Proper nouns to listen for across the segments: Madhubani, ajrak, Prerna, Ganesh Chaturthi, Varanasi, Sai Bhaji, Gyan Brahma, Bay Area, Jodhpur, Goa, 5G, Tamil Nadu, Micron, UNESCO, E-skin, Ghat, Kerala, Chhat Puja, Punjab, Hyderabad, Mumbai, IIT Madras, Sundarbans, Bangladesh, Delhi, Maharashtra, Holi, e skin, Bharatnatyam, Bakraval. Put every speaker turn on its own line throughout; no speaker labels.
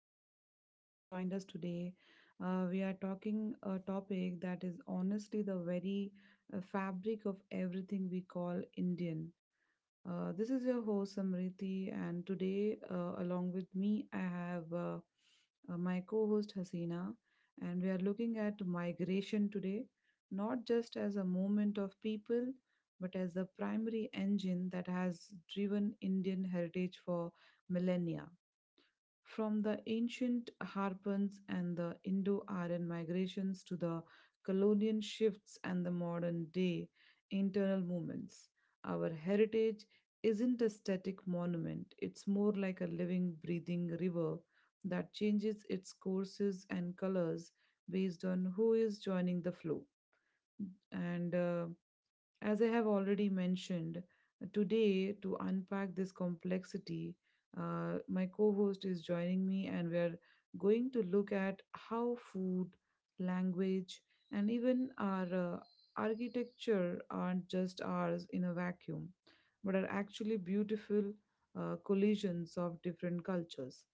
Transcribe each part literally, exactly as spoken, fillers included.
so glad you have joined us today. Uh, we are talking a topic that is honestly the very uh, fabric of everything we call Indian. Uh, this is your host Samriti, and today, uh, along with me, I have uh, uh, my co host Hasina, and we are looking at migration today, not just as a movement of people, but as the primary engine that has driven Indian heritage for millennia. From the ancient harpens and the Indo Aryan migrations to the colonial shifts and the modern day internal movements, our heritage isn't a static monument. It's more like a living, breathing river that changes its courses and colors based on who is joining the flow. And uh, As I have already mentioned, today to unpack this complexity, uh, my co host is joining me, and we're going to look at how food, language, and even our uh, architecture aren't just ours in a vacuum, but are actually beautiful uh, collisions of different cultures.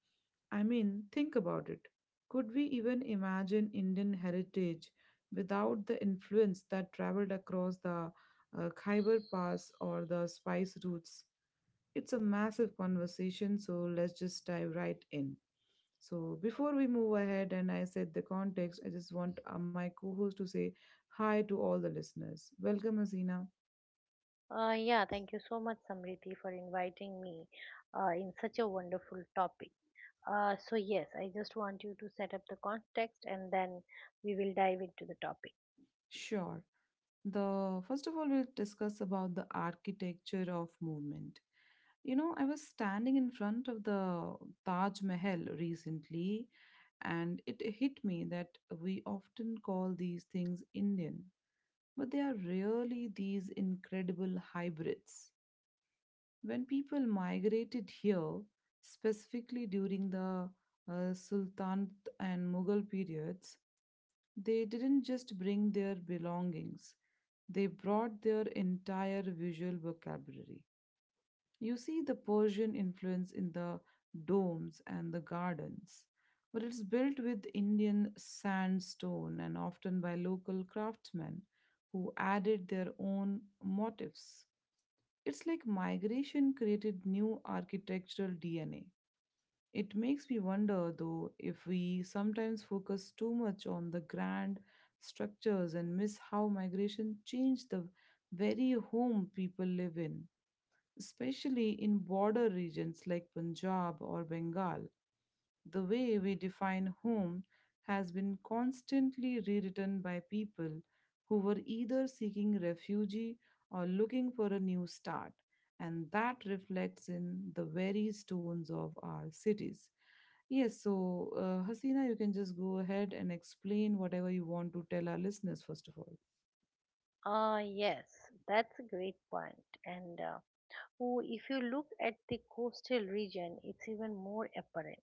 I mean, think about it. Could we even imagine Indian heritage without the influence that traveled across the uh, Khyber Pass or the spice routes. It's a massive conversation, so let's just dive right in. So, before we move ahead and I set the context, I just want uh, my co host to say hi to all the listeners. Welcome, Hasina.
Uh, yeah, Thank you so much, Samriti, for inviting me uh, in such a wonderful topic. Uh, so, yes, I just want you to set up the context and then we will dive into the topic.
Sure. The first of all, we'll discuss about the architecture of movement. You know, I was standing in front of the Taj Mahal recently, and it hit me that we often call these things Indian but they are really these incredible hybrids. When people migrated here, specifically during the uh, Sultanate and Mughal periods, they didn't just bring their belongings, they brought their entire visual vocabulary. You see the Persian influence in the domes and the gardens, but it's built with Indian sandstone and often by local craftsmen who added their own motifs. It's like migration created new architectural D N A. It makes me wonder, though, if we sometimes focus too much on the grand structures and miss how migration changed the very home people live in, especially in border regions like Punjab or Bengal. The way we define home has been constantly rewritten by people who were either seeking refuge or looking for a new start, and that reflects in the very stones of our cities. Yes, so uh, Hasina, you can just go ahead and explain whatever you want to tell our listeners, first of all.
Uh, yes, that's a great point. And uh, oh, if you look at the coastal region, it's even more apparent.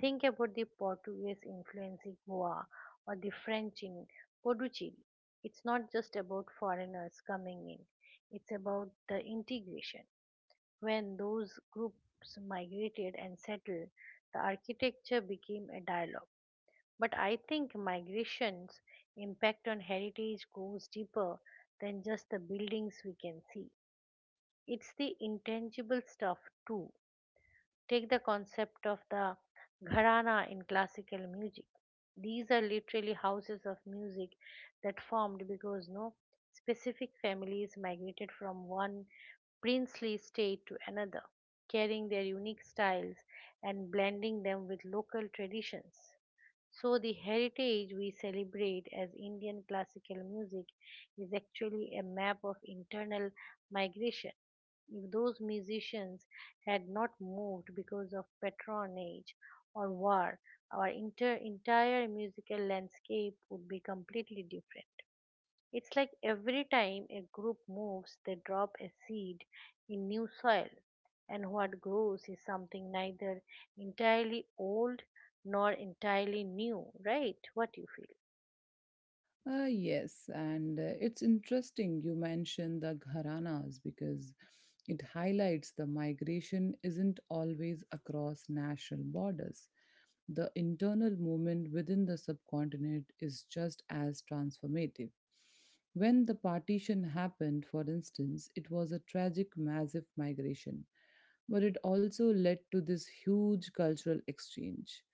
Think about the Portuguese influence in Goa or the French in Puducherry. It's not just about foreigners coming in, it's about the integration. When those groups migrated and settled, the architecture became a dialogue. But I think migration's impact on heritage goes deeper than just the buildings we can see. It's the intangible stuff too. Take the concept of the gharana in classical music. These are literally houses of music that formed because no specific families migrated from one princely state to another, carrying their unique styles and blending them with local traditions. So, the heritage we celebrate as Indian classical music is actually a map of internal migration. If those musicians had not moved because of patronage or war, our inter- entire musical landscape would be completely different. It's like every time a group moves, they drop a seed in new soil, and what grows is something neither entirely old nor entirely new, right? What do you feel?
Uh, yes, and uh, it's interesting you mentioned the gharanas because it highlights the migration isn't always across national borders. The internal movement within the subcontinent is just as transformative. When the partition happened, for instance, it was a tragic massive migration, but it also led to this huge cultural exchange.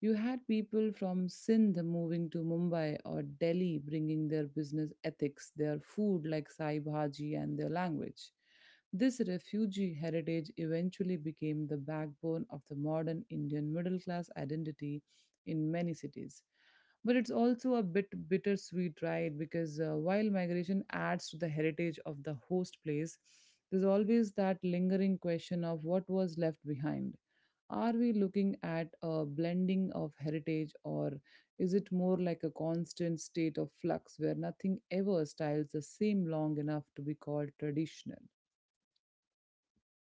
You had people from Sindh moving to Mumbai or Delhi bringing their business ethics, their food like Sai Bhaji, and their language. This refugee heritage eventually became the backbone of the modern Indian middle class identity in many cities. But it's also a bit bittersweet, right? Because uh, while migration adds to the heritage of the host place, there's always that lingering question of what was left behind. Are we looking at a blending of heritage, or is it more like a constant state of flux where nothing ever styles the same long enough to be called traditional?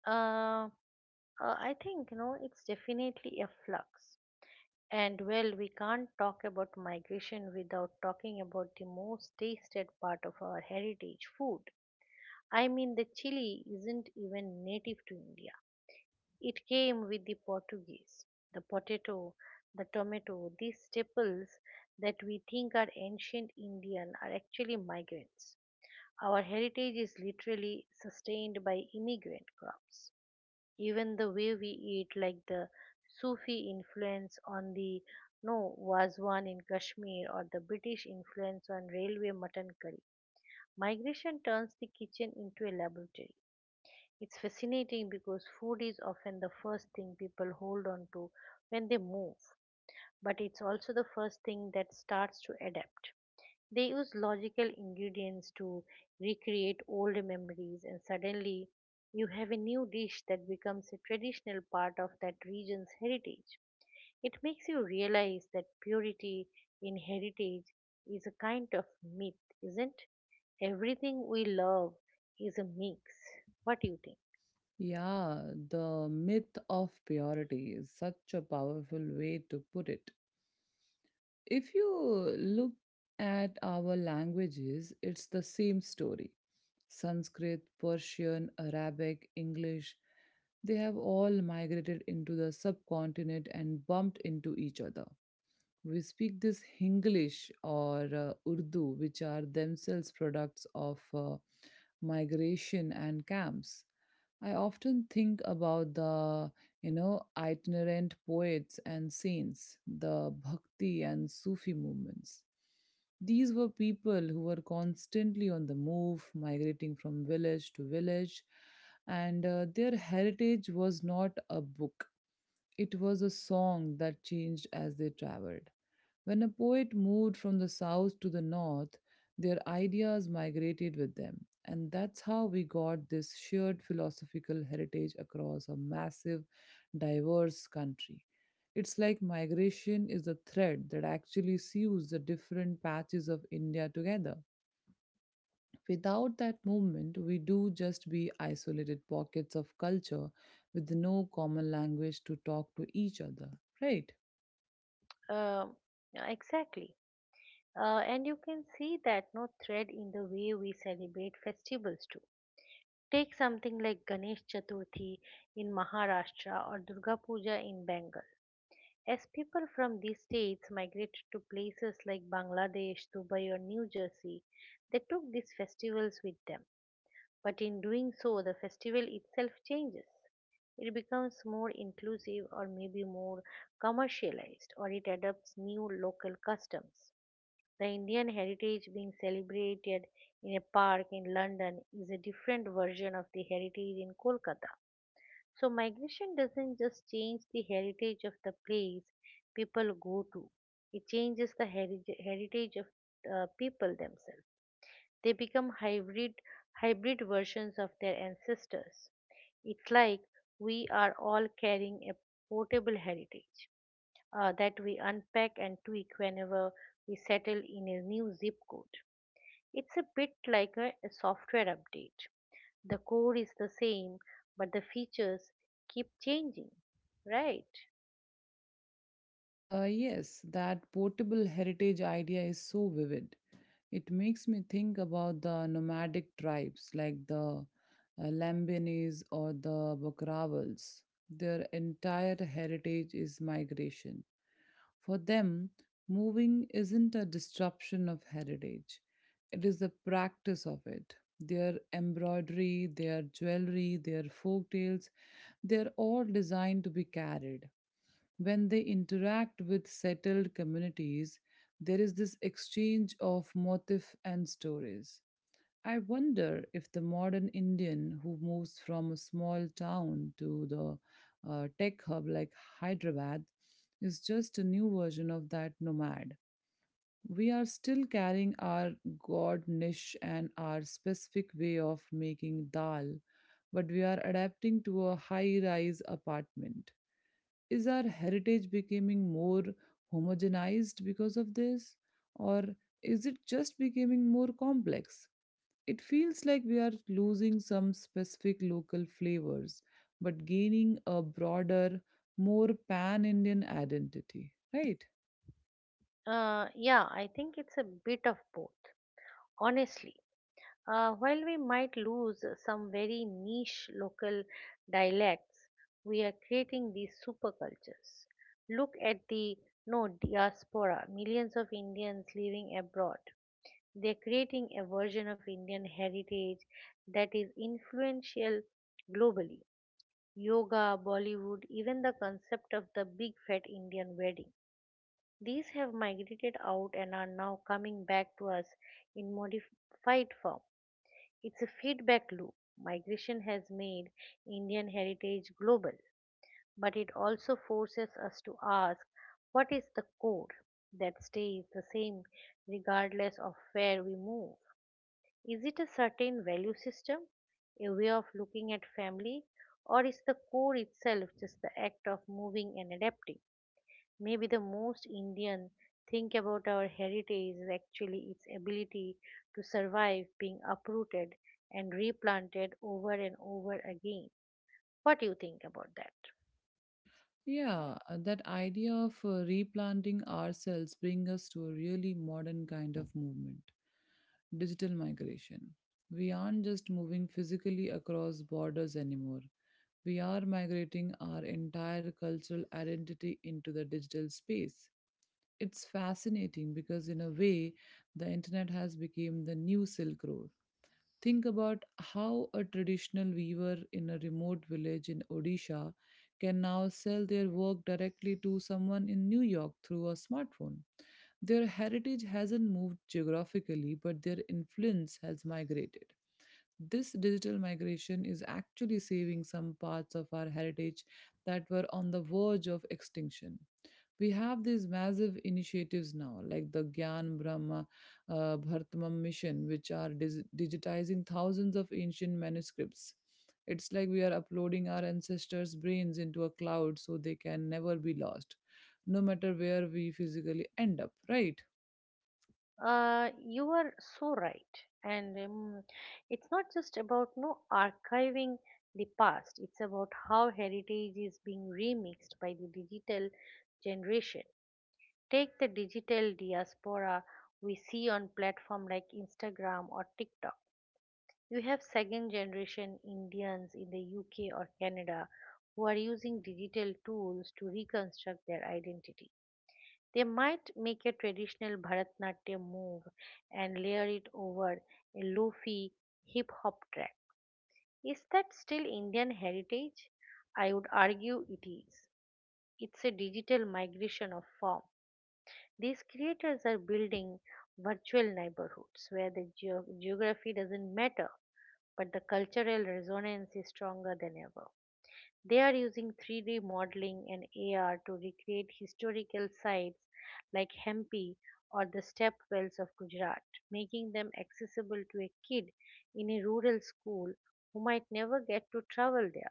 Uh, uh, I think you know it's definitely a flux. And well, we can't talk about migration without talking about the most tasted part of our heritage food. I mean, the chili isn't even native to India. It came with the Portuguese. The potato, the tomato, these staples that we think are ancient Indian are actually migrants. Our heritage is literally sustained by immigrant crops. Even the way we eat, like the Sufi influence on the no was one in Kashmir or the British influence on railway mutton curry. Migration turns the kitchen into a laboratory. It's fascinating because food is often the first thing people hold on to when they move, but it's also the first thing that starts to adapt. They use logical ingredients to recreate old memories, and suddenly you have a new dish that becomes a traditional part of that region's heritage. It makes you realize that purity in heritage is a kind of myth, isn't? Everything we love is a mix. What do you think?
Yeah, the myth of purity is such a powerful way to put it. If you look at our languages, it's the same story. Sanskrit, Persian, Arabic, English, they have all migrated into the subcontinent and bumped into each other. We speak this Hinglish or uh, Urdu, which are themselves products of uh, migration and camps. I often think about the, you know, itinerant poets and saints, the Bhakti and Sufi movements. These were people who were constantly on the move, migrating from village to village, and uh, their heritage was not a book. It was a song that changed as they traveled. When a poet moved from the south to the north, their ideas migrated with them, and that's how we got this shared philosophical heritage across a massive, diverse country. It's like migration is the thread that actually sews the different patches of India together. Without that movement, we do just be isolated pockets of culture with no common language to talk to each other, right?
Um, yeah, exactly. Uh, and you can see that no thread in the way we celebrate festivals too. Take something like Ganesh Chaturthi in Maharashtra or Durga Puja in Bengal. As people from these states migrated to places like Bangladesh, Dubai, or New Jersey, they took these festivals with them. But in doing so, the festival itself changes. It becomes more inclusive or maybe more commercialized, or it adopts new local customs. The Indian heritage being celebrated in a park in London is a different version of the heritage in Kolkata. So, migration doesn't just change the heritage of the place people go to, it changes the heri- heritage of uh, people themselves. They become hybrid, hybrid versions of their ancestors. It's like we are all carrying a portable heritage uh, that we unpack and tweak whenever we settle in a new zip code. It's a bit like a, a software update. The core is the same, but the features keep changing, right?
Uh, yes, that portable heritage idea is so vivid. It makes me think about the nomadic tribes like the uh, Lambanis or the Bakravals. Their entire heritage is migration. For them, moving isn't a disruption of heritage, it is the practice of it. Their embroidery, their jewelry, their folk tales, they're all designed to be carried. When they interact with settled communities, there is this exchange of motif and stories. I wonder if the modern Indian who moves from a small town to the uh, tech hub like Hyderabad is just a new version of that nomad. We are still carrying our god niche and our specific way of making dal, but we are adapting to a high rise apartment. Is our heritage becoming more homogenized because of this, or is it just becoming more complex? It feels like we are losing some specific local flavors, but gaining a broader, more pan Indian identity, right?
Uh, yeah, I think it's a bit of both, honestly. Uh, while we might lose some very niche local dialects, we are creating these supercultures. Look at the no diaspora, millions of Indians living abroad. They're creating a version of Indian heritage that is influential globally. Yoga, Bollywood, even the concept of the big fat Indian wedding. These have migrated out and are now coming back to us in modified form. It's a feedback loop. Migration has made Indian heritage global, but it also forces us to ask what is the core that stays the same regardless of where we move. Is it a certain value system, a way of looking at family, or is the core itself just the act of moving and adapting? Maybe the most Indian think about our heritage is actually its ability to survive being uprooted and replanted over and over again. What do you think about that?
Yeah, uh, that idea of uh, replanting ourselves brings us to a really modern kind of movement, digital migration. We aren't just moving physically across borders anymore. We are migrating our entire cultural identity into the digital space. It's fascinating because in a way the internet has become the new silk road. Think about how a traditional weaver in a remote village in Odisha can now sell their work directly to someone in New York through a smartphone. Their heritage hasn't moved geographically but their influence has migrated. This digital migration is actually saving some parts of our heritage that were on the verge of extinction. We have these massive initiatives now, like the Gyan Brahma uh, Bhartamam mission, which are dis- digitizing thousands of ancient manuscripts. It's like we are uploading our ancestors' brains into a cloud so they can never be lost, no matter where we physically end up, right?
Uh, you are so right, and um, it's not just about no archiving the past. It's about how heritage is being remixed by the digital generation. Take the digital diaspora we see on platform like Instagram or TikTok. You have second generation Indians in the U K or Canada who are using digital tools to reconstruct their identity. They might make a traditional Bharatnatyam move and layer it over a lofi hip hop track. Is that still Indian heritage? I would argue it is. It's a digital migration of form. These creators are building virtual neighborhoods where the geo- geography doesn't matter, but the cultural resonance is stronger than ever. They are using three D modeling and A R to recreate historical sites like Hampi or the step wells of Gujarat, making them accessible to a kid in a rural school who might never get to travel there.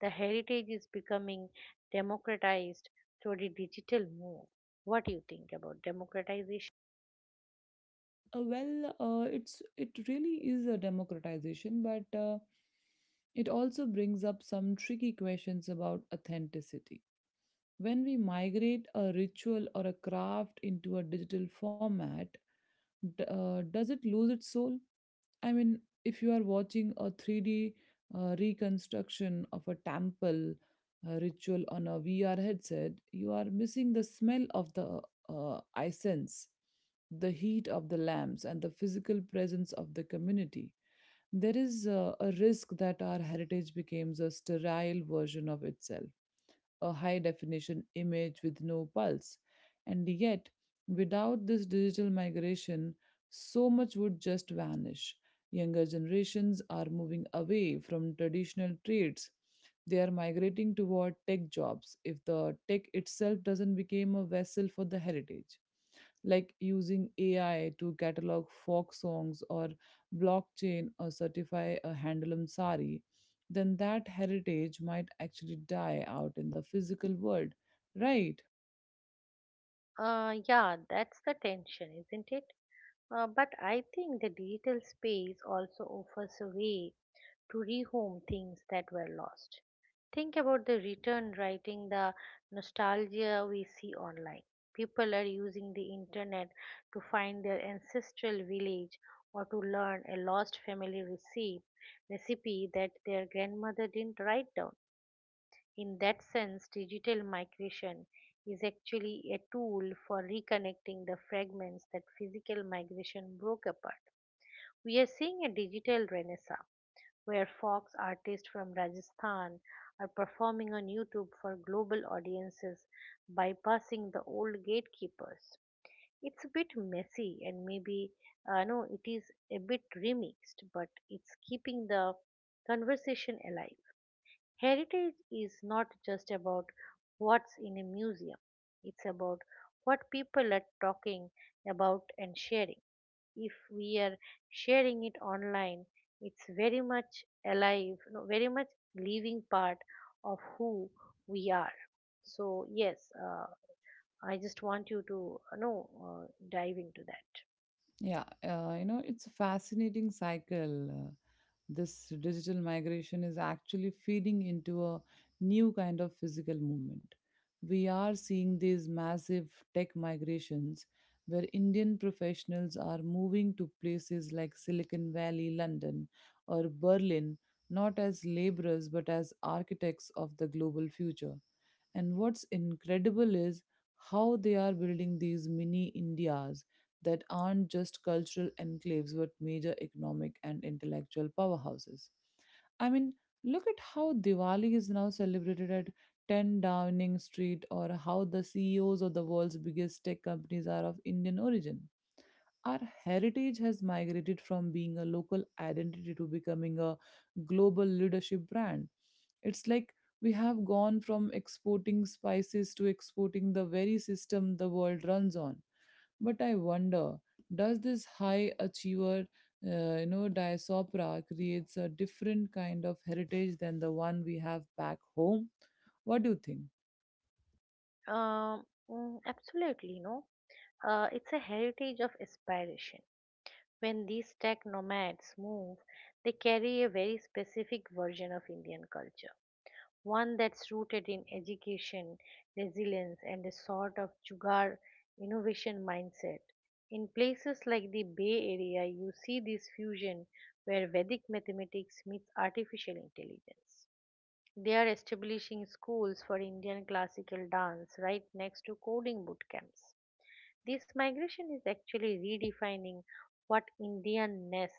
The heritage is becoming democratized through the digital move. What do you think about democratization?
Uh, well, uh, it's it really is a democratization, but uh, it also brings up some tricky questions about authenticity. When we migrate a ritual or a craft into a digital format, d- uh, does it lose its soul? I mean, if you are watching a three D uh, reconstruction of a temple uh, ritual on a V R headset, you are missing the smell of the uh, incense, the heat of the lamps, and the physical presence of the community. There is uh, a risk that our heritage becomes a sterile version of itself, a high definition image with no pulse. And yet, without this digital migration, so much would just vanish. Younger generations are moving away from traditional trades. They are migrating toward tech jobs. If the tech itself doesn't become a vessel for the heritage, like using A I to catalog folk songs or blockchain or certify a handloom sari, then that heritage might actually die out in the physical world, right?
Uh, yeah, that's the tension, isn't it? Uh, but I think the digital space also offers a way to rehome things that were lost. Think about the return writing, the nostalgia we see online. People are using the internet to find their ancestral village or to learn a lost family recipe, recipe that their grandmother didn't write down. In that sense, digital migration is actually a tool for reconnecting the fragments that physical migration broke apart. We are seeing a digital renaissance where folk artists from Rajasthan are performing on YouTube for global audiences bypassing the old gatekeepers. It's a bit messy and maybe uh, no, it is a bit remixed, but it's keeping the conversation alive. Heritage is not just about what's in a museum, it's about what people are talking about and sharing. If we are sharing it online, it's very much alive, no, very much living part of who we are. So yes, uh, I just want you to uh, know, uh, dive into that.
Yeah, uh, you know, it's a fascinating cycle. Uh, this digital migration is actually feeding into a new kind of physical movement. We are seeing these massive tech migrations where Indian professionals are moving to places like Silicon Valley, London, or Berlin, not as laborers but as architects of the global future. And what's incredible is how they are building these mini Indias that aren't just cultural enclaves but major economic and intellectual powerhouses. I mean, look at how Diwali is now celebrated at ten Downing Street, or how the C E Os of the world's biggest tech companies are of Indian origin. Our heritage has migrated from being a local identity to becoming a global leadership brand. It's like we have gone from exporting spices to exporting the very system the world runs on. But I wonder, does this high achiever, uh, you know, diaspora creates a different kind of heritage than the one we have back home? What do you think?
um, mm, absolutely. No uh, It's a heritage of aspiration. When these tech nomads move, they carry a very specific version of Indian culture, one that's rooted in education, resilience, and a sort of jugar innovation mindset. In places like the Bay Area, you see this fusion where Vedic mathematics meets artificial intelligence. They are establishing schools for Indian classical dance right next to coding boot camps. This migration is actually redefining what Indianness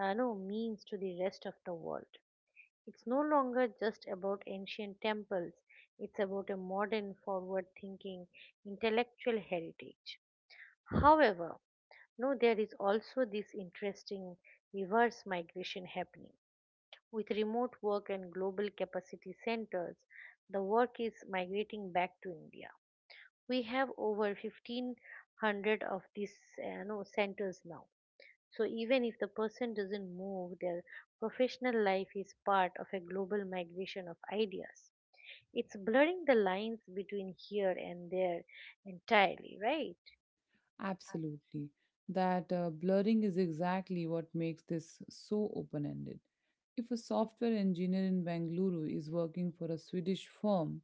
uh, no, means to the rest of the world. It's no longer just about ancient temples, it's about a modern, forward thinking intellectual heritage. However, no, there is also this interesting reverse migration happening. With remote work and global capacity centers, the work is migrating back to India. We have over fifteen hundred of these uh, no, centers now. So even if the person doesn't move, their professional life is part of a global migration of ideas. It's blurring the lines between here and there entirely, right?
Absolutely. That uh, blurring is exactly what makes this so open ended. If a software engineer in Bengaluru is working for a Swedish firm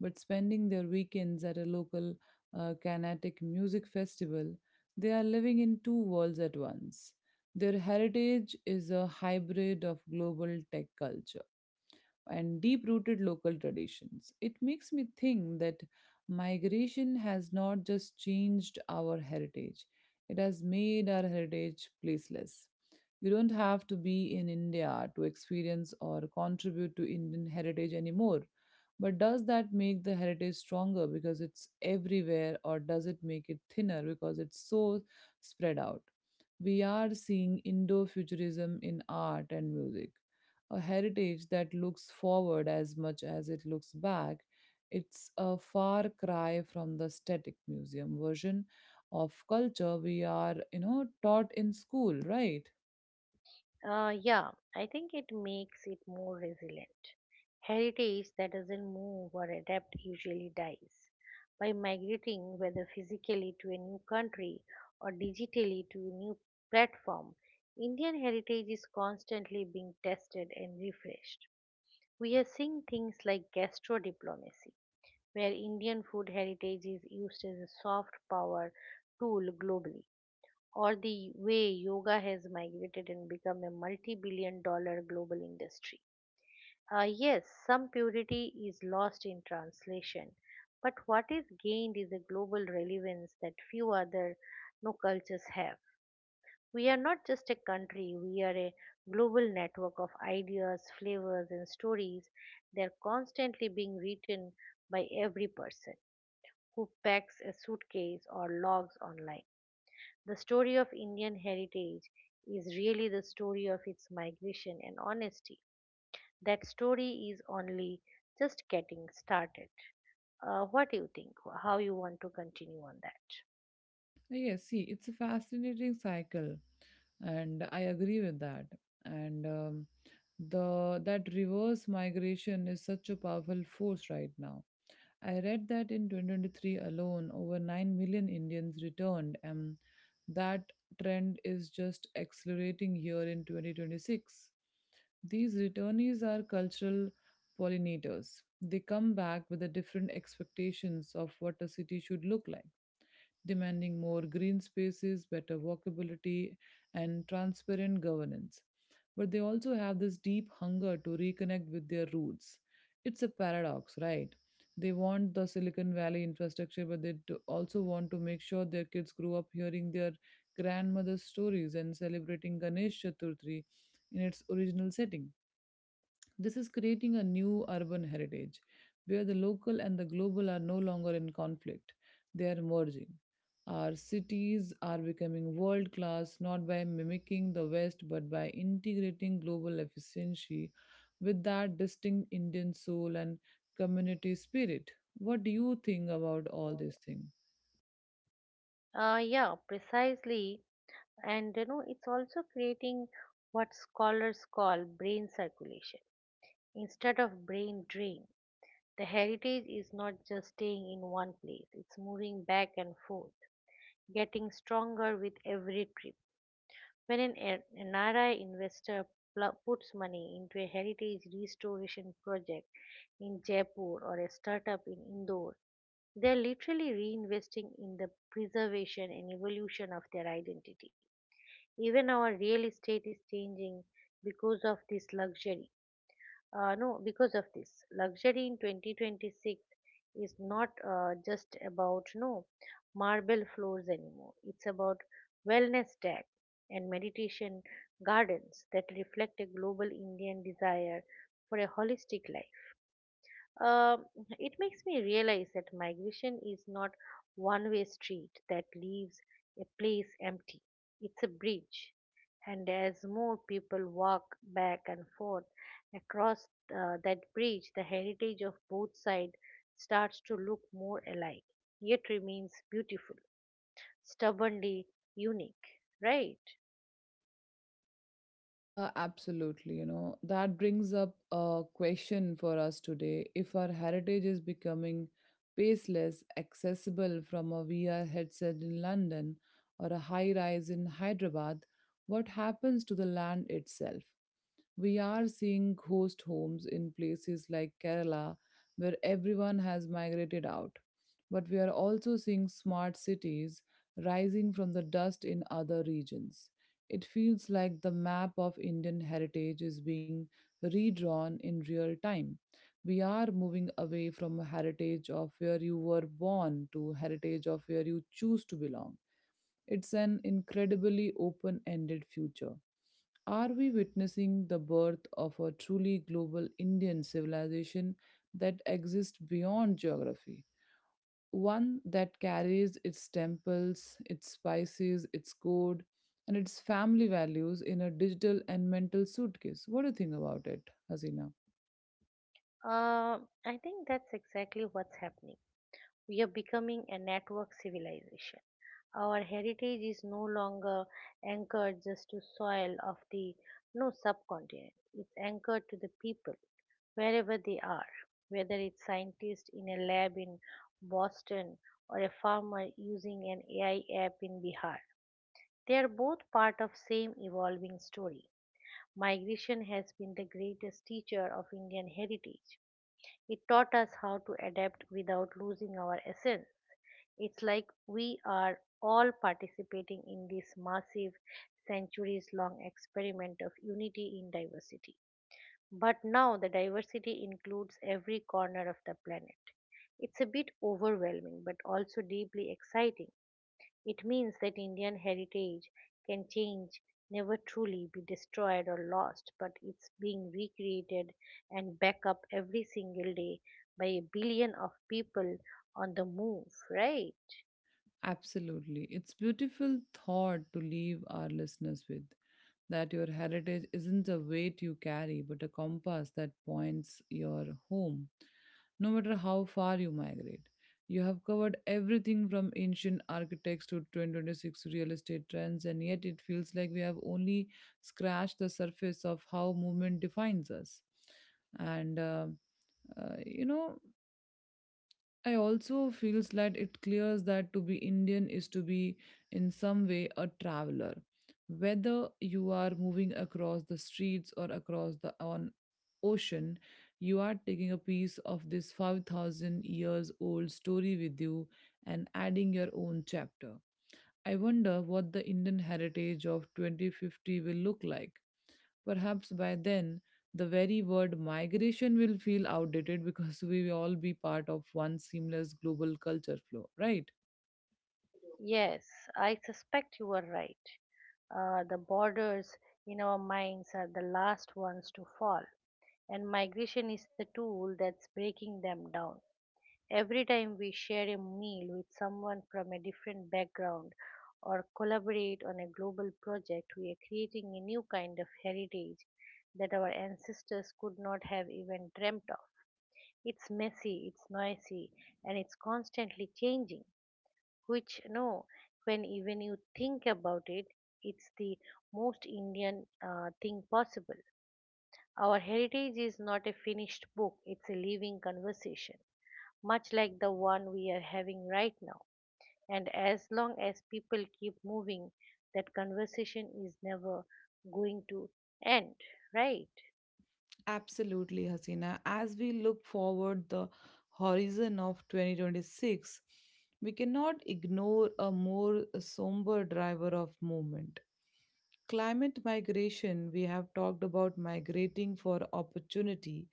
but spending their weekends at a local uh, Carnatic music festival, they are living in two worlds at once. Their heritage is a hybrid of global tech culture and deep rooted local traditions. It makes me think that migration has not just changed our heritage, it has made our heritage placeless. You don't have to be in India to experience or contribute to Indian heritage anymore. But does that make the heritage stronger because it's everywhere, or does it make it thinner because it's so spread out? We are seeing Indo futurism in art and music, a heritage that looks forward as much as it looks back. It's a far cry from the static museum version of culture we are, you know, taught in school, right?
Uh, yeah, I think it makes it more resilient. Heritage that doesn't move or adapt usually dies. By migrating, whether physically to a new country or digitally to a new platform, Indian heritage is constantly being tested and refreshed. We are seeing things like gastro diplomacy, where Indian food heritage is used as a soft power tool globally, or the way yoga has migrated and become a multi billion dollar global industry. Uh, yes, some purity is lost in translation, but what is gained is a global relevance that few other no cultures have. We are not just a country, we are a global network of ideas, flavors, and stories. They're constantly being written by every person who packs a suitcase or logs online. The story of Indian heritage is really the story of its migration and honesty. That story is only just getting started. Uh, what do you think? How you want to continue on that?
Uh, Yes, see, it's a fascinating cycle, and I agree with that. And um, the that reverse migration is such a powerful force right now. I read that in two thousand twenty-three alone, over nine million Indians returned, and that trend is just accelerating here in twenty twenty-six. These returnees are cultural pollinators. They come back with the different expectations of what a city should look like, demanding more green spaces, better walkability, and transparent governance. But they also have this deep hunger to reconnect with their roots. It's a paradox, right? They want the Silicon Valley infrastructure, but they do- also want to make sure their kids grow up hearing their grandmother's stories and celebrating Ganesh Chaturthi in its original setting. This is creating a new urban heritage where the local and the global are no longer in conflict, they are merging. Our cities are becoming world class not by mimicking the West but by integrating global efficiency with that distinct Indian soul and community spirit. What do you think about all these things?
Uh, yeah, precisely. And you know it's also creating what scholars call brain circulation instead of brain drain. The heritage is not just staying in one place, it's moving back and forth, getting stronger with every trip. When an, a- N R I investor pl- puts money into a heritage restoration project in Jaipur or a startup in Indore, they're literally reinvesting in the preservation and evolution of their identity. Even our real estate is changing because of this luxury. Uh, no, Because of this luxury in twenty twenty-six is not uh, just about no marble floors anymore. It's about wellness tech and meditation gardens that reflect a global Indian desire for a holistic life. Um it makes me realize that migration is not one way street that leaves a place empty. It's a bridge. And as more people walk back and forth across uh, that bridge, the heritage of both sides starts to look more alike, yet remains beautiful, stubbornly unique, right?
Uh, absolutely. You know, that brings up a question for us today. If our heritage is becoming paceless, accessible from a V R headset in London or a high rise in Hyderabad, what happens to the land itself? We are seeing ghost homes in places like Kerala, where everyone has migrated out. But we are also seeing smart cities rising from the dust in other regions. It feels like the map of Indian heritage is being redrawn in real time. We are moving away from a heritage of where you were born to heritage of where you choose to belong. It's an incredibly open ended future. Are we witnessing the birth of a truly global Indian civilization that exists beyond geography? One that carries its temples, its spices, its code, and its family values in a digital and mental suitcase. What do you think about it, Hasina?
Uh, I think that's exactly what's happening. We are becoming a network civilization. Our heritage is no longer anchored just to soil of the no subcontinent. It's anchored to the people wherever they are, whether it's scientist in a lab in Boston or a farmer using an A I app in Bihar. They are both part of same evolving story. Migration has been the greatest teacher of Indian heritage. It taught us how to adapt without losing our essence. It's like we are all participating in this massive, centuries long experiment of unity in diversity. But now the diversity includes every corner of the planet. It's a bit overwhelming but also deeply exciting. It means that Indian heritage can change, never truly be destroyed or lost, but it's being recreated and back up every single day by a billion of people on the move, right?
Absolutely. It's beautiful thought to leave our listeners with, that your heritage isn't a weight you carry, but a compass that points your home, no matter how far you migrate. You have covered everything from ancient architects to twenty twenty-six real estate trends, and yet it feels like we have only scratched the surface of how movement defines us. And uh, uh, you know, I also feels that it clears that to be Indian is to be in some way a traveler. Whether you are moving across the streets or across the on ocean, you are taking a piece of this five thousand years old story with you and adding your own chapter. I wonder what the Indian heritage of twenty fifty will look like. Perhaps by then, the very word migration will feel outdated because we will all be part of one seamless global culture flow, right?
Yes, I suspect you are right. Uh, the borders in our minds are the last ones to fall, and migration is the tool that's breaking them down. Every time we share a meal with someone from a different background or collaborate on a global project, we are creating a new kind of heritage that our ancestors could not have even dreamt of. It's messy, it's noisy, and it's constantly changing, which no when even you think about it, it's the most indian uh, thing possible. Our heritage is not a finished book, it's a living conversation, much like the one we are having right now. And as long as people keep moving, that conversation is never going to end, right?
Absolutely, Hasina. As we look forward the horizon of twenty twenty-six, we cannot ignore a more somber driver of movement. Climate migration, we have talked about migrating for opportunity,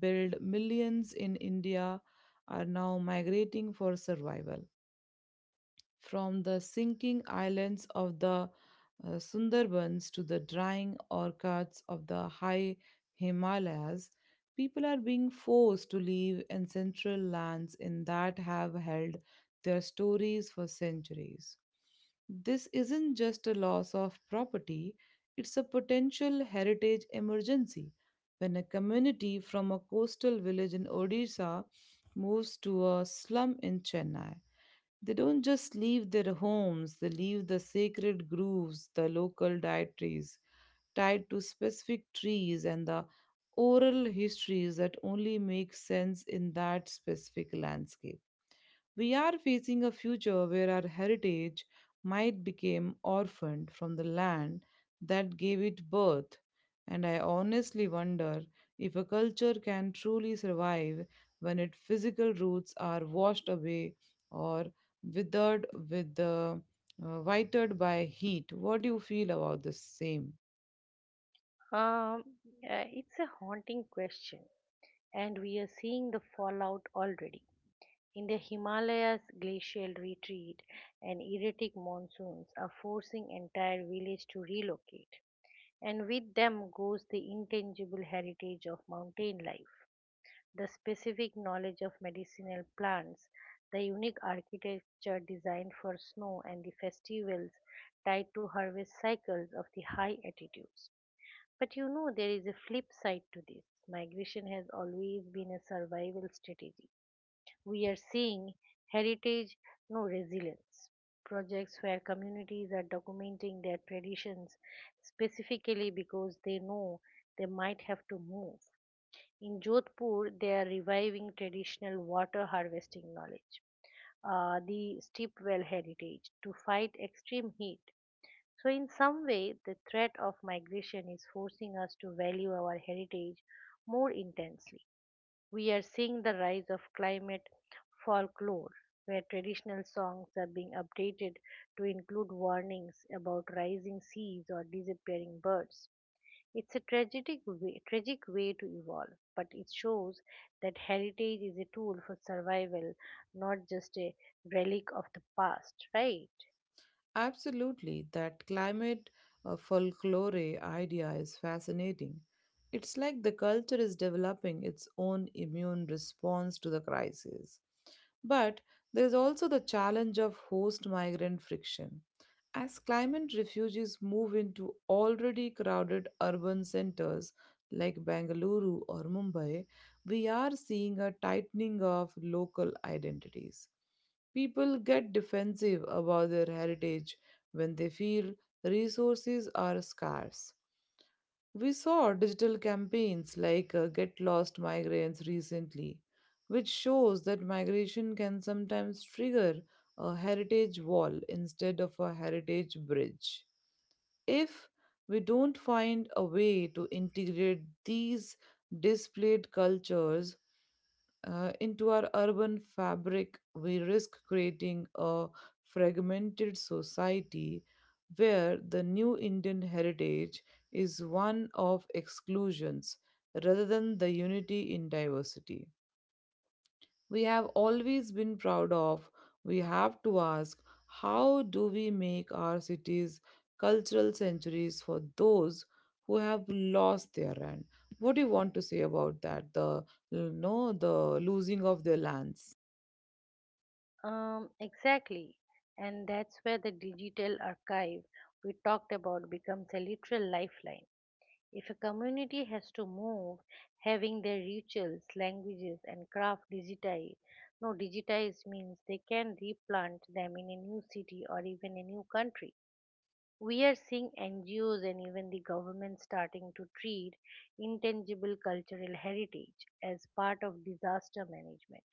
build millions in India are now migrating for survival, from the sinking islands of the uh, Sundarbans to the drying orchards of the high Himalayas. People are being forced to live in central lands in that have held their stories for centuries. This isn't just a loss of property, it's a potential heritage emergency. When a community from a coastal village in Odisha moves to a slum in Chennai, they don't just leave their homes, they leave the sacred groves, the local dietaries tied to specific trees, and the oral histories that only make sense in that specific landscape. We are facing a future where our heritage might become orphaned from the land that gave it birth. And I honestly wonder if a culture can truly survive when its physical roots are washed away or withered with the uh, whitered by heat. What do you feel about the same?
um uh, it's a haunting question, and we are seeing the fallout already. In the Himalayas, glacial retreat and erratic monsoons are forcing entire villages to relocate. And with them goes the intangible heritage of mountain life, the specific knowledge of medicinal plants, the unique architecture designed for snow, and the festivals tied to harvest cycles of the high altitudes. But you know, there is a flip side to this. Migration has always been a survival strategy. We are seeing heritage, no resilience. Projects where communities are documenting their traditions specifically because they know they might have to move. In Jodhpur, they are reviving traditional water harvesting knowledge, uh, the steep well heritage, to fight extreme heat. So, in some way, the threat of migration is forcing us to value our heritage more intensely. We are seeing the rise of climate folklore, where traditional songs are being updated to include warnings about rising seas or disappearing birds. It's a tragic way, tragic way to evolve, but it shows that heritage is a tool for survival, not just a relic of the past, right?
Absolutely, that climate uh, folklore idea is fascinating. It's like the culture is developing its own immune response to the crisis. But there's also the challenge of host migrant friction. As climate refugees move into already crowded urban centers like Bengaluru or Mumbai, we are seeing a tightening of local identities. People get defensive about their heritage when they feel resources are scarce. We saw digital campaigns like uh, Get Lost Migrants recently, which shows that migration can sometimes trigger a heritage wall instead of a heritage bridge. If we don't find a way to integrate these displayed cultures uh, into our urban fabric, we risk creating a fragmented society where the new Indian heritage is one of exclusions rather than the unity in diversity we have always been proud of. We have to ask, how do we make our cities cultural centuries for those who have lost their land? What do you want to say about that? The no, the losing of their lands.
Um, exactly. And that's where the digital archive we talked about becomes a literal lifeline. If a community has to move, having their rituals, languages, and craft digitized, no, digitized means they can replant them in a new city or even a new country. We are seeing N G Os and even the government starting to treat intangible cultural heritage as part of disaster management.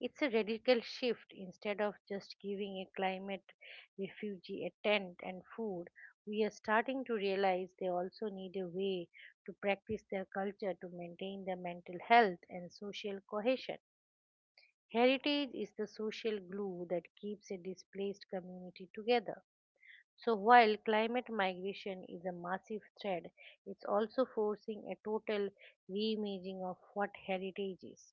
It's a radical shift. Instead of just giving a climate refugee a tent and food, we are starting to realize they also need a way to practice their culture to maintain their mental health and social cohesion. Heritage is the social glue that keeps a displaced community together. So while climate migration is a massive threat, it's also forcing a total reimagining of what heritage is.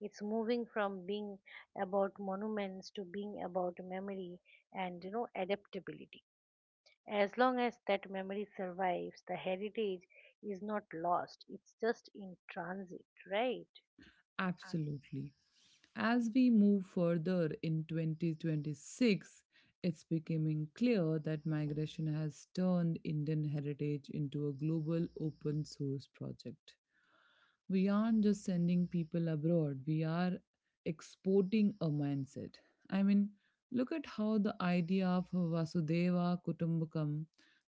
It's moving from being about monuments to being about memory and you know adaptability. As long as that memory survives, the heritage is not lost. It's just in transit, right? Ab-
Absolutely. As we move further in twenty twenty-six, it's becoming clear that migration has turned Indian heritage into a global open source project. We aren't just sending people abroad, we are exporting a mindset. I mean, look at how the idea of Vasudeva Kutumbakam,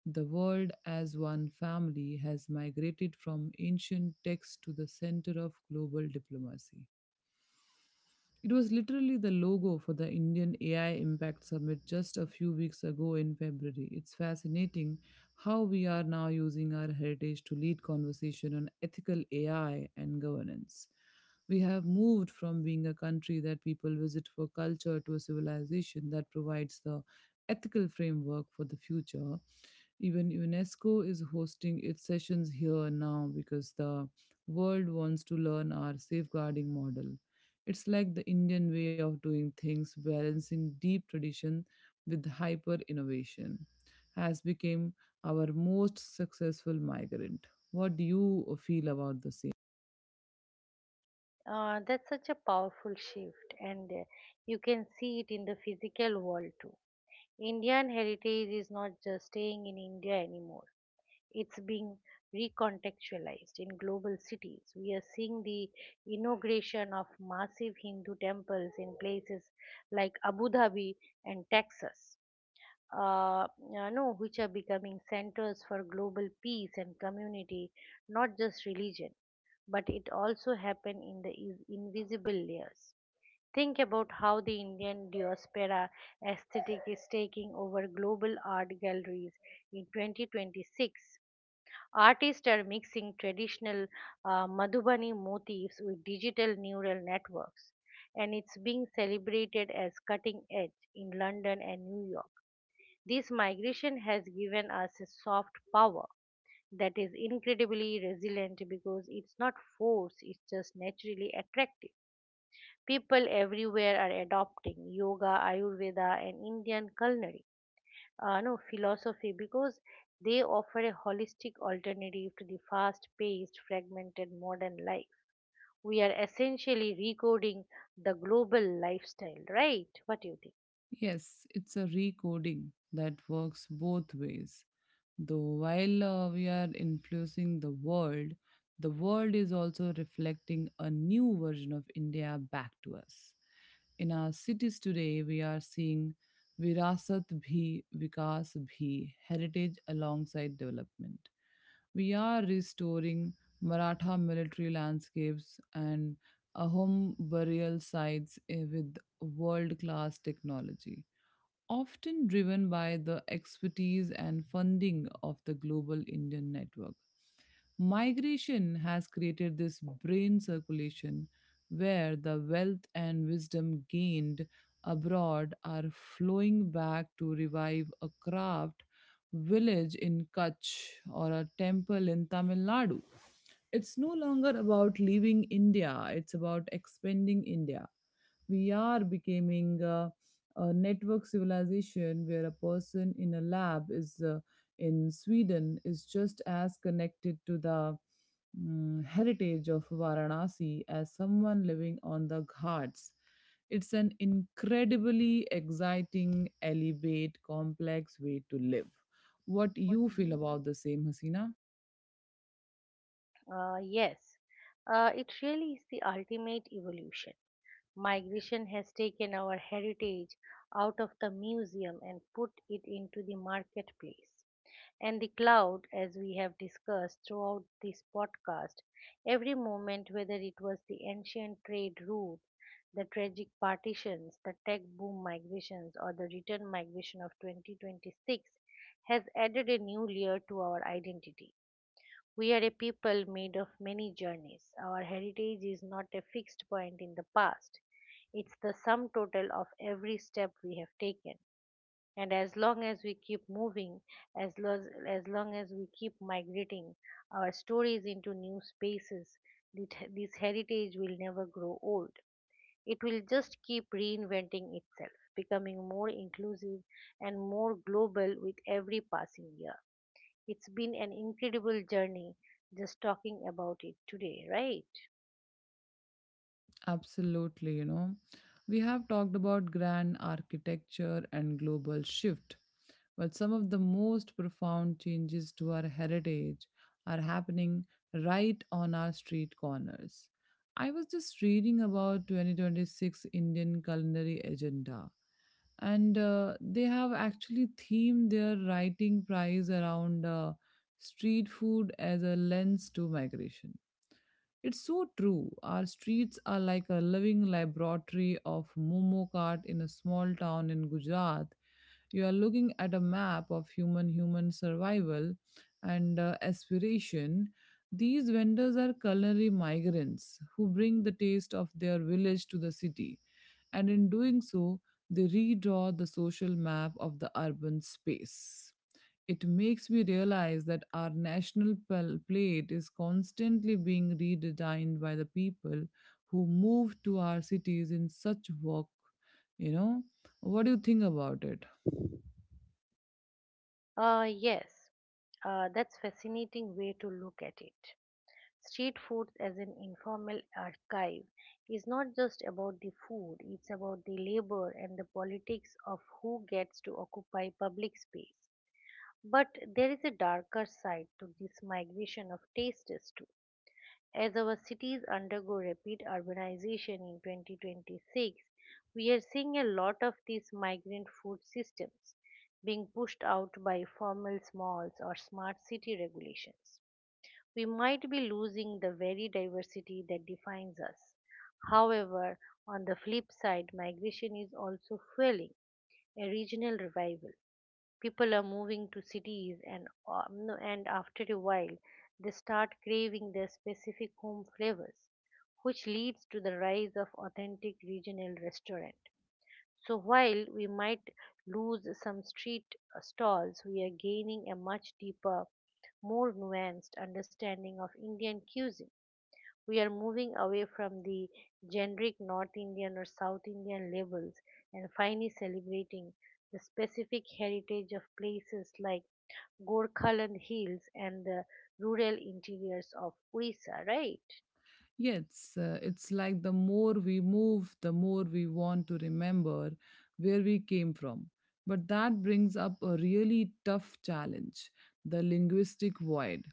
the world as one family, has migrated from ancient texts to the center of global diplomacy. It was literally the logo for the Indian A I Impact Summit just a few weeks ago in February. It's fascinating how we are now using our heritage to lead conversation on ethical A I and governance. We have moved from being a country that people visit for culture to a civilization that provides the ethical framework for the future. Even UNESCO is hosting its sessions here now because the world wants to learn our safeguarding model. It's like the Indian way of doing things, balancing deep tradition with hyper innovation, has become our most successful migrant. What do you feel about the same?
Uh, that's such a powerful shift, and uh, you can see it in the physical world too. Indian heritage is not just staying in India anymore. It's being recontextualized in global cities. We are seeing the inauguration of massive Hindu temples in places like Abu Dhabi and Texas. Uh, you know, which are becoming centers for global peace and community, not just religion, but it also happened in the is- invisible layers. Think about how the Indian diaspora aesthetic is taking over global art galleries in twenty twenty-six. Artists are mixing traditional uh, Madhubani motifs with digital neural networks, and it's being celebrated as cutting edge in London and New York. This migration has given us a soft power that is incredibly resilient because it's not forced, it's just naturally attractive. People everywhere are adopting yoga, Ayurveda, and Indian culinary uh, no philosophy because they offer a holistic alternative to the fast-paced, fragmented modern life. We are essentially recoding the global lifestyle, right? What do you think?
Yes, it's a recoding that works both ways. Though while uh, we are influencing the world, the world is also reflecting a new version of India back to us. In our cities today, we are seeing Virasat Bhi, Vikas Bhi, heritage alongside development. We are restoring Maratha military landscapes and Ahom burial sites eh, with world class technology, often driven by the expertise and funding of the global Indian network. Migration has created this brain circulation where the wealth and wisdom gained abroad are flowing back to revive a craft village in Kutch or a temple in Tamil Nadu. It's no longer about leaving India, it's about expanding India. We are becoming a, a network civilization where a person in a lab is uh, in Sweden is just as connected to the mm, heritage of Varanasi as someone living on the Ghats. It's an incredibly exciting, elevate, complex way to live. What
What
you feel
you
about the same, Hasina?
Uh, yes, uh, it really is the ultimate evolution. Migration has taken our heritage out of the museum and put it into the marketplace. And the cloud, as we have discussed throughout this podcast, every moment, whether it was the ancient trade routes, the tragic partitions, the tech boom migrations, or the return migration of twenty twenty-six, has added a new layer to our identity. We are a people made of many journeys. Our heritage is not a fixed point in the past. It's the sum total of every step we have taken. And as long as we keep moving, as, lo- as long as we keep migrating our stories into new spaces, this, this heritage will never grow old. It will just keep reinventing itself, becoming more inclusive and more global with every passing year. It's been an incredible journey just talking about it today, right?
Absolutely, you know. We have talked about grand architecture and global shift, but some of the most profound changes to our heritage are happening right on our street corners. I was just reading about twenty twenty-six Indian culinary agenda, and uh, they have actually themed their writing prize around uh, street food as a lens to migration. It's so true. Our streets are like a living laboratory of Momo cart in a small town in Gujarat. You are looking at a map of human human survival and uh, aspiration. These vendors are culinary migrants who bring the taste of their village to the city, and in doing so, they redraw the social map of the urban space. It makes me realize that our national pal- plate is constantly being redesigned by the people who move to our cities in such work. You know, what do you think about it?
Uh, yes, uh, that's fascinating way to look at it. Street food as an informal archive is not just about the food, it's about the labor and the politics of who gets to occupy public space. But there is a darker side to this migration of tastes too. As our cities undergo rapid urbanization in twenty twenty-six, we are seeing a lot of these migrant food systems being pushed out by formal malls or smart city regulations. We might be losing the very diversity that defines us. However, on the flip side, migration is also fueling a regional revival. People are moving to cities, and um, and after a while, they start craving their specific home flavors, which leads to the rise of authentic regional restaurant. So while we might lose some street uh, stalls, we are gaining a much deeper, more nuanced understanding of Indian cuisine. We are moving away from the generic North Indian or South Indian labels and finally celebrating the specific heritage of places like Gorkhaland Hills and the rural interiors of Orissa, right?
Yes, uh, it's like the more we move, the more we want to remember where we came from. But that brings up a really tough challenge, the linguistic void.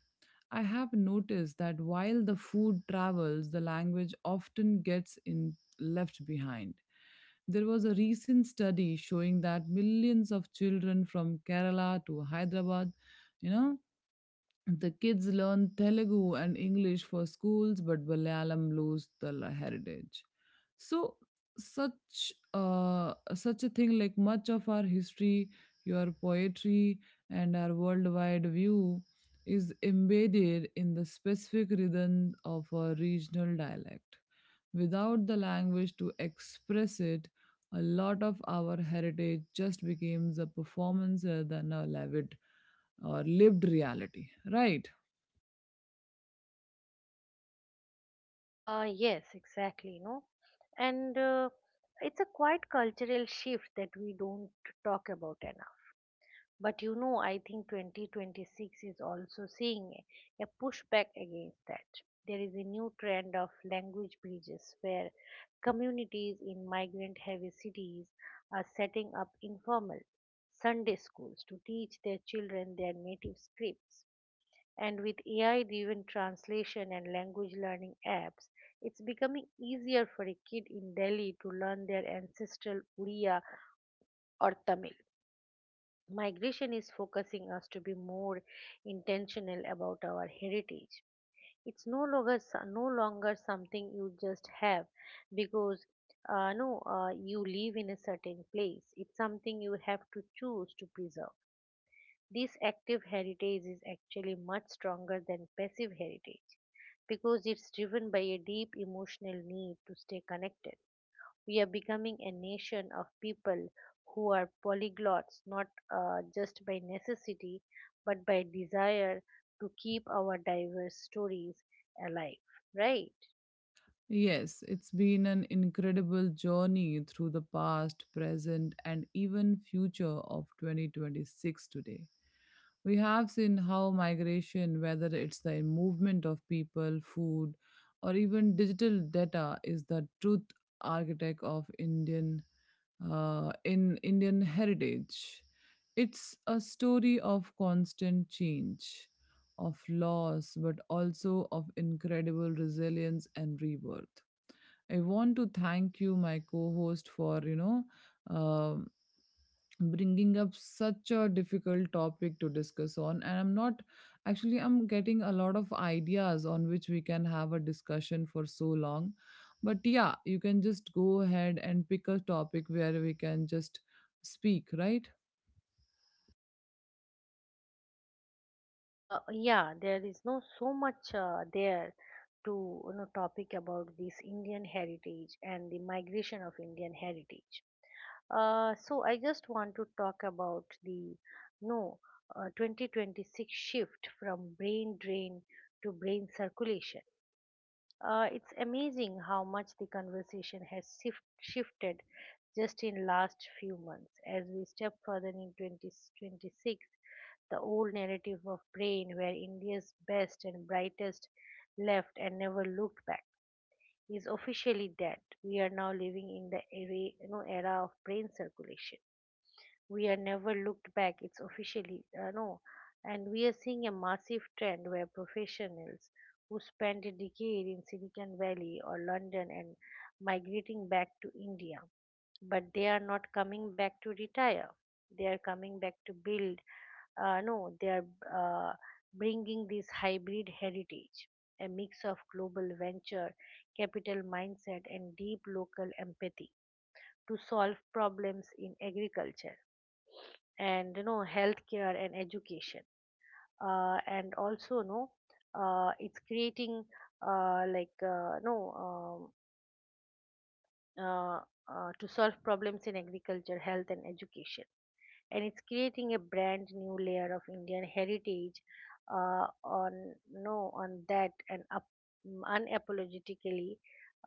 I have noticed that while the food travels, the language often gets in, left behind. There was a recent study showing that millions of children from Kerala to Hyderabad, you know, the kids learn Telugu and English for schools, but Malayalam lose the la- heritage. So, such uh, such a thing like much of our history, your poetry, and our worldwide view is embedded in the specific rhythm of a regional dialect. Without the language to express it, a lot of our heritage just becomes a performance rather than a lived or lived reality, right?
Uh, yes, exactly, no? And uh, it's a quite cultural shift that we don't talk about enough. But you know, I think twenty twenty-six is also seeing a pushback against that. There is a new trend of language bridges where communities in migrant heavy cities are setting up informal Sunday schools to teach their children their native scripts. And with A I driven translation and language learning apps, it's becoming easier for a kid in Delhi to learn their ancestral Uriya or Tamil. Migration is focusing us to be more intentional about our heritage. It's no longer s- no longer something you just have because uh, no uh, you live in a certain place. It's something you have to choose to preserve. This active heritage is actually much stronger than passive heritage because it's driven by a deep emotional need to stay connected. We are becoming a nation of people who are polyglots, not uh, just by necessity, but by desire to keep our diverse stories alive, right?
Yes, it's been an incredible journey through the past, present, and even future of twenty twenty-six today. We have seen how migration, whether it's the movement of people, food, or even digital data, is the truth architect of Indian uh, in Indian heritage. It's a story of constant change, of loss, but also of incredible resilience and rebirth. I want to thank you, my co-host, for you know um bringing up such a difficult topic to discuss on, and I'm not actually I'm getting a lot of ideas on which we can have a discussion for so long. But yeah, you can just go ahead and pick a topic where we can just speak, right?
Uh, yeah, there is no so much uh, there to you know topic about this Indian heritage and the migration of Indian heritage. Uh, so I just want to talk about the no uh, twenty twenty-six shift from brain drain to brain circulation. Uh, it's amazing how much the conversation has shift, shifted just in last few months. As we step further in twenty twenty-six, the old narrative of brain where India's best and brightest left and never looked back is officially dead. We are now living in the era, you know, era of brain circulation. We are never looked back, it's officially, uh, no. And we are seeing a massive trend where professionals who spent a decade in Silicon Valley or London and migrating back to India, but they are not coming back to retire, they are coming back to build. Uh, no, they are uh, bringing this hybrid heritage, a mix of global venture capital mindset and deep local empathy to solve problems in agriculture and, you know healthcare and education. Uh, and also, no, uh, it's creating, uh, like, uh, no, um, uh, uh, to solve problems in agriculture, health and education. And it's creating a brand new layer of Indian heritage, uh, on no on that and up, mm, unapologetically,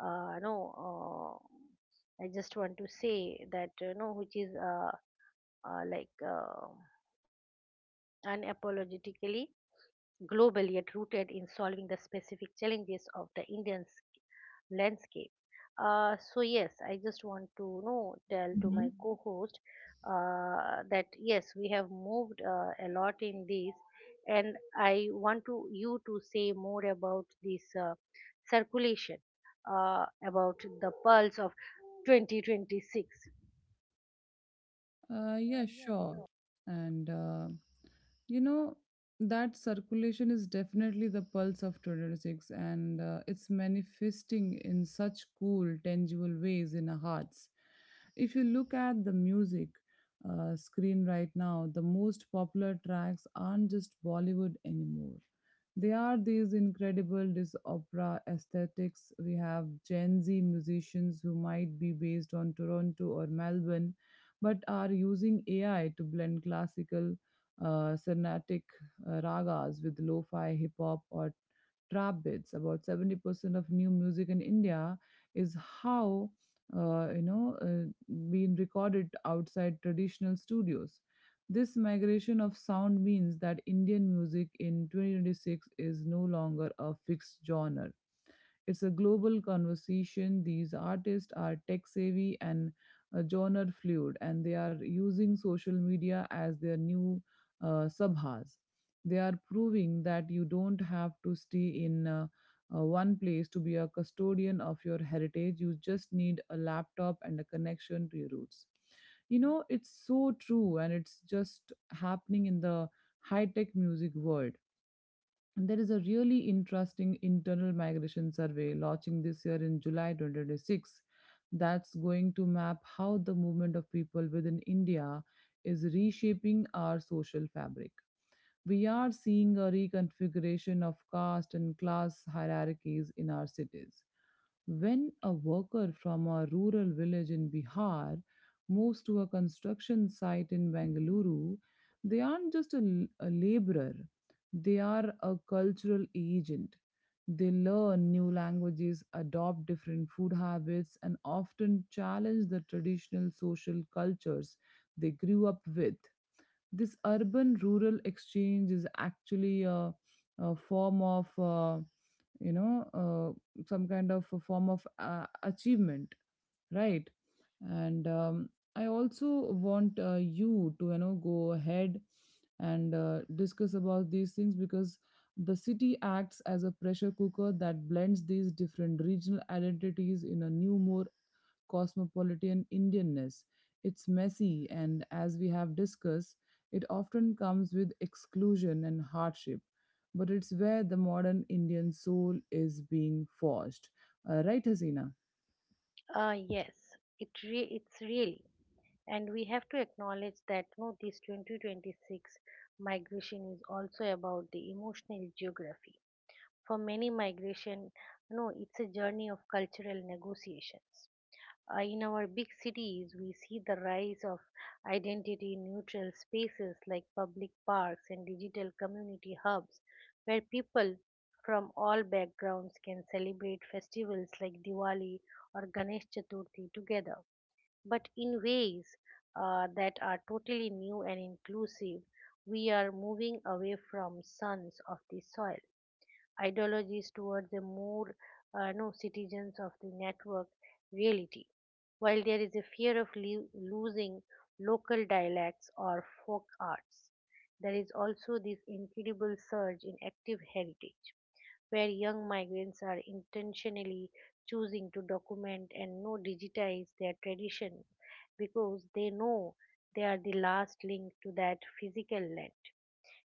uh, no, uh, I just want to say that, uh, no, which is, uh, uh, like, uh, unapologetically global yet rooted in solving the specific challenges of the Indian s- landscape. Uh, so yes, I just want to know tell to my
Mhm.
co-host, uh, that yes, we have moved uh, a lot in this, and I want to you to say more about this, uh, circulation, uh, about the pulse of twenty twenty-six.
Uh yeah, sure. And uh you know, that circulation is definitely the pulse of twenty twenty-six, and uh, it's manifesting in such cool, tangible ways in our hearts. If you look at the music uh, screen right now, the most popular tracks aren't just Bollywood anymore. They are these incredible this opera aesthetics. We have Gen Z musicians who might be based on Toronto or Melbourne, but are using A I to blend classical uh, Sarnatic uh, ragas with lo-fi hip-hop or trap beats. About seventy percent of new music in India is how uh, you know uh, being recorded outside traditional studios. This migration of sound means that Indian music in twenty twenty-six is no longer a fixed genre. It's a global conversation. These artists are tech savvy and uh, genre fluid, and they are using social media as their new uh, subhas. They are proving that you don't have to stay in uh, uh, one place to be a custodian of your heritage. You just need a laptop and a connection to your roots. You know, it's so true, and it's just happening in the high tech music world. There is a really interesting internal migration survey launching this year in July twenty twenty-six that's going to map how the movement of people within India is reshaping our social fabric. We are seeing a reconfiguration of caste and class hierarchies in our cities. When a worker from a rural village in Bihar moves to a construction site in Bengaluru, they aren't just a, l- a laborer, they are a cultural agent. They learn new languages, adopt different food habits, and often challenge the traditional social cultures they grew up with. This urban rural exchange is actually a, a form of. uh, you know uh, some kind of a form of uh, achievement, right? And um, I also want uh, you to you know go ahead and uh, discuss about these things, because the city acts as a pressure cooker that blends these different regional identities in a new, more cosmopolitan Indianness. It's messy, and as we have discussed, it often comes with exclusion and hardship. But it's where the modern Indian soul is being forged. Uh, right, Hasina?
Uh, yes, it re- it's really, and we have to acknowledge that, no, this twenty twenty-six migration is also about the emotional geography. For many migration, no, it's a journey of cultural negotiations. Uh, in our big cities, we see the rise of identity neutral spaces like public parks and digital community hubs where people from all backgrounds can celebrate festivals like Diwali or Ganesh Chaturthi together, but in ways uh, that are totally new and inclusive. We are moving away from sons of the soil ideologies towards a more, uh, no, citizens of the network reality. While there is a fear of lo- losing local dialects or folk arts, there is also this incredible surge in active heritage where young migrants are intentionally choosing to document and no digitize their tradition because they know they are the last link to that physical land.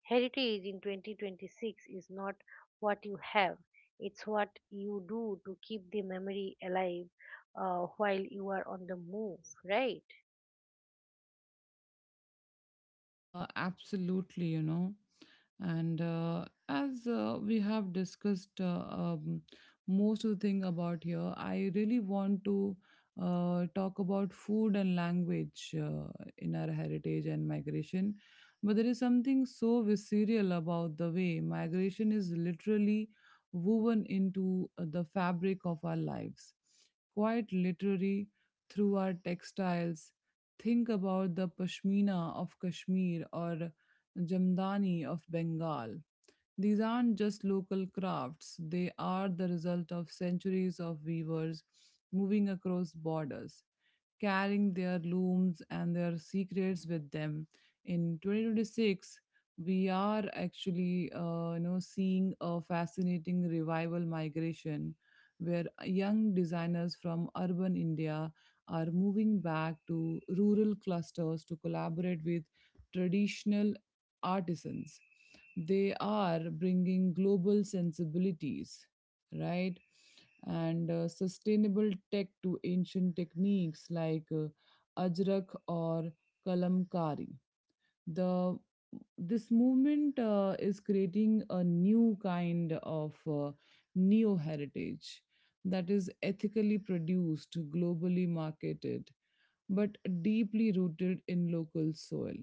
Heritage in twenty twenty-six is not what you have, it's what you do to keep the memory alive uh, while you are on the move, right?
Uh, absolutely, you know. And uh, as uh, we have discussed uh, um, most of the thing about here. I really want to uh, talk about food and language uh, in our heritage and migration. But there is something so visceral about the way migration is literally woven into uh, the fabric of our lives, quite literally through our textiles. Think about the Pashmina of Kashmir or Jamdani of Bengal. These aren't just local crafts, they are the result of centuries of weavers moving across borders, carrying their looms and their secrets with them. In twenty twenty-six, we are actually uh, you know seeing a fascinating revival migration where uh, young designers from urban India are moving back to rural clusters to collaborate with traditional artisans. They are bringing global sensibilities, right? and uh, sustainable tech to ancient techniques like uh, ajrak or kalamkari. The this movement uh, is creating a new kind of uh, neo heritage that is ethically produced, globally marketed, but deeply rooted in local soil.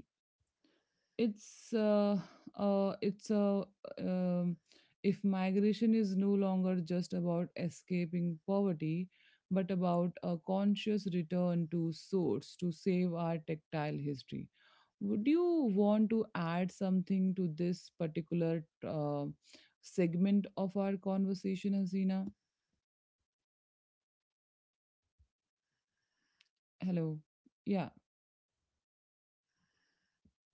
It's uh, uh it's a um, if migration is no longer just about escaping poverty but about a conscious return to source to save our tactile history, would you want to add something to this particular uh, segment of our conversation, Hasina? Hello? Yeah.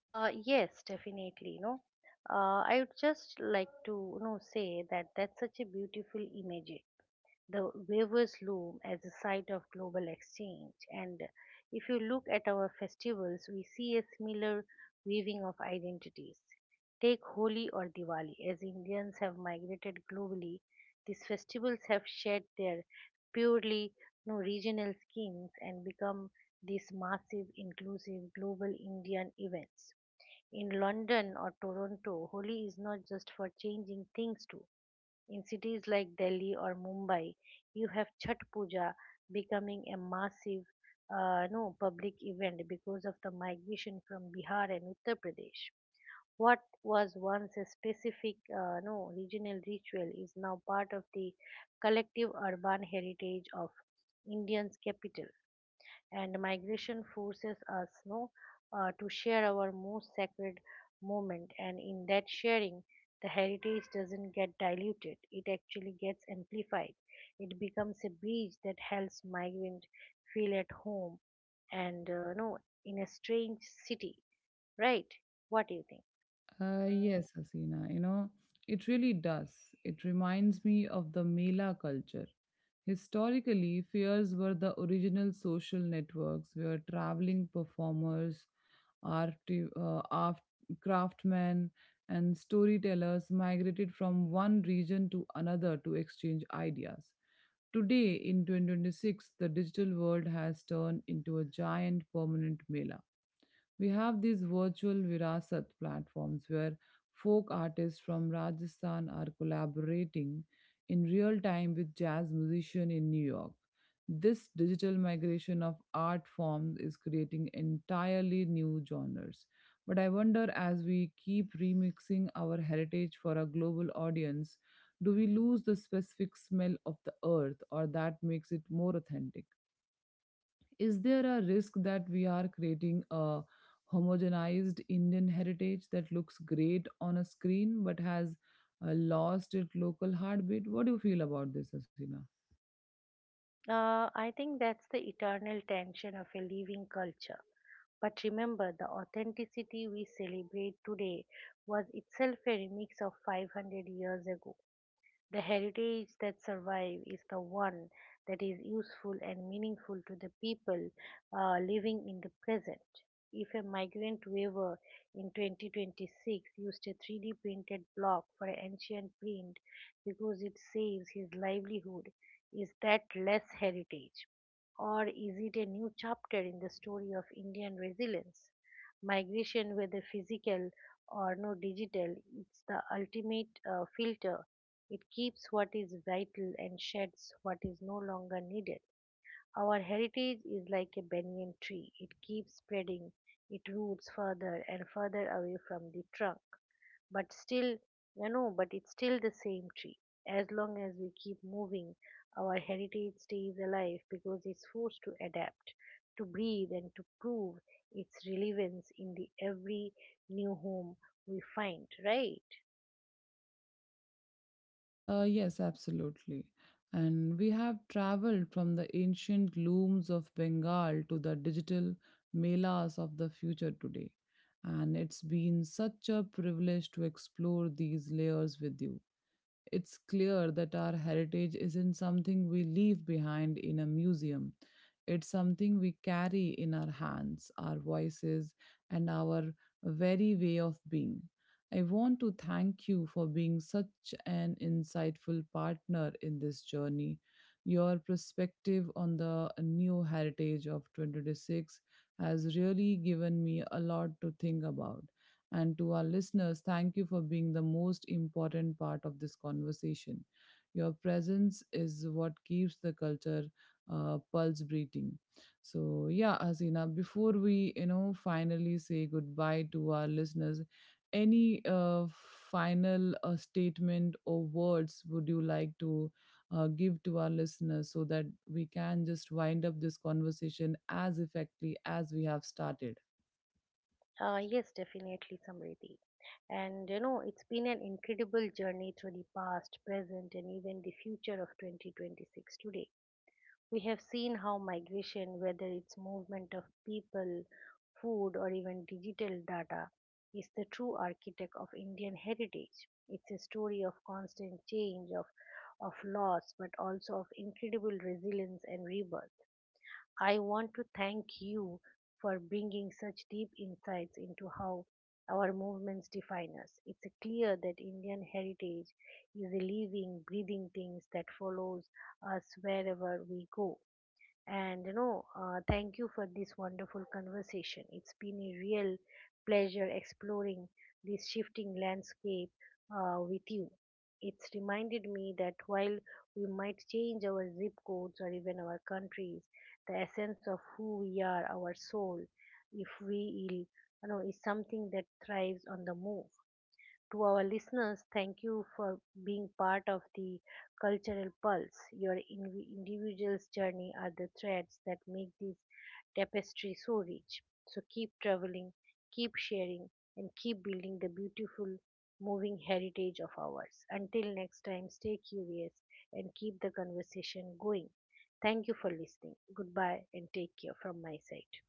Uh, yes, definitely. No, uh, I would just like to, you know say that that's such a beautiful image, the waivers loom as a site of global exchange. And if you look at our festivals, we see a similar weaving of identities. Take Holi or Diwali. As Indians have migrated globally, these festivals have shed their purely no regional skins and become these massive, inclusive, global Indian events. In London or Toronto, Holi is not just for changing things too. In cities like Delhi or Mumbai, you have Chhat Puja becoming a massive, uh, no, public event because of the migration from Bihar and Uttar Pradesh. What was once a specific, uh, no, regional ritual is now part of the collective urban heritage of Indian's capital, and migration forces us, no, uh, to share our most sacred moment. And in that sharing, the heritage doesn't get diluted, it actually gets amplified. It becomes a bridge that helps migrant feel at home and, uh, no, in a strange city, right? What do you think?
Uh, yes, Hasina, you know, it really does. It reminds me of the Mela culture. Historically, fairs were the original social networks where traveling performers, art, uh, art, craftsmen, and storytellers migrated from one region to another to exchange ideas. Today, in twenty twenty-six, the digital world has turned into a giant permanent Mela. We have these virtual Virasat platforms where folk artists from Rajasthan are collaborating in real time with jazz musicians in New York. This digital migration of art forms is creating entirely new genres. But I wonder, as we keep remixing our heritage for a global audience, do we lose the specific smell of the earth or that makes it more authentic? Is there a risk that we are creating a homogenized Indian heritage that looks great on a screen but has uh, lost its local heartbeat? What do you feel about this, Asina?
Uh, I think that's the eternal tension of a living culture. But remember, the authenticity we celebrate today was itself a remix of five hundred years ago. The heritage that survives is the one that is useful and meaningful to the people uh, living in the present. If a migrant weaver in twenty twenty-six used a three D printed block for an ancient print because it saves his livelihood, is that less heritage? Or is it a new chapter in the story of Indian resilience? Migration, whether physical or no digital, it's the ultimate uh, filter. It keeps what is vital and sheds what is no longer needed. Our heritage is like a banyan tree. It keeps spreading it roots further and further away from the trunk. But still, you know, but it's still the same tree. As long as we keep moving, our heritage stays alive because it's forced to adapt, to breathe, and to prove its relevance in the every new home we find, right?
Uh, yes, absolutely. And we have traveled from the ancient looms of Bengal to the digital melas of the future today. And it's been such a privilege to explore these layers with you. It's clear that our heritage isn't something we leave behind in a museum. It's something we carry in our hands, our voices, and our very way of being. I want to thank you for being such an insightful partner in this journey. Your perspective on the new heritage of twenty twenty-six has really given me a lot to think about. And to our listeners, thank you for being the most important part of this conversation. Your presence is what keeps the culture uh, pulse breathing. So yeah, Hasina, before we you know, finally say goodbye to our listeners, any uh, final uh, statement or words would you like to uh, give to our listeners so that we can just wind up this conversation as effectively as we have started?
Uh, yes, definitely, Samriti. And, you know, it's been an incredible journey through the past, present, and even the future of twenty twenty-six today. We have seen how migration, whether it's movement of people, food, or even digital data, is the true architect of Indian heritage. It's a story of constant change, of, of loss, but also of incredible resilience and rebirth. I want to thank you for bringing such deep insights into how our movements define us. It's clear that Indian heritage is a living, breathing thing that follows us wherever we go. And, you know, uh, thank you for this wonderful conversation. It's been a real pleasure exploring this shifting landscape uh, with you. It's reminded me that while we might change our zip codes or even our countries, the essence of who we are, our soul, if we ill, you know, is something that thrives on the move. To our listeners, thank you for being part of the cultural pulse. Your in- individual's journey are the threads that make this tapestry so rich. So keep traveling, keep sharing, and keep building the beautiful, moving heritage of ours. Until next time, stay curious and keep the conversation going. Thank you for listening. Goodbye and take care from my side.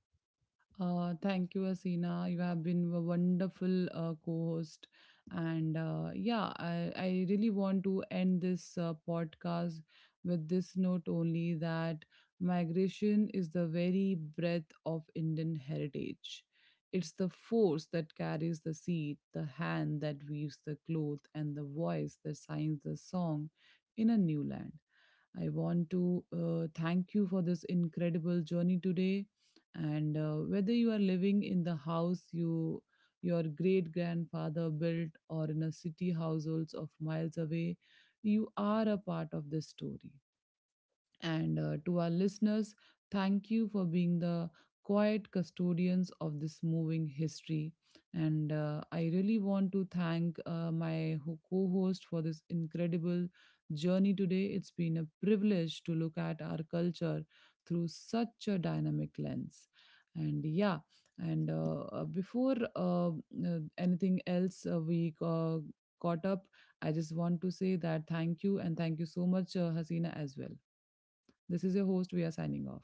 Uh, thank you, Asina. You have been a wonderful uh, co-host, and uh, yeah, I, I really want to end this uh, podcast with this note only that migration is the very breath of Indian heritage. It's the force that carries the seed, the hand that weaves the cloth, and the voice that signs the song in a new land. I want to uh, thank you for this incredible journey today. And uh, whether you are living in the house you your great grandfather built or in a city households of miles away, you are a part of this story. And uh, to our listeners, thank you for being the quiet custodians of this moving history. And uh, I really want to thank uh, my ho- co-host for this incredible journey today. It's been a privilege to look at our culture through such a dynamic lens. And yeah, and uh, uh, before uh, uh, anything else, uh, we uh, caught up. I just want to say that thank you, and thank you so much, uh, Hasina, as well. This is your host. We are signing off.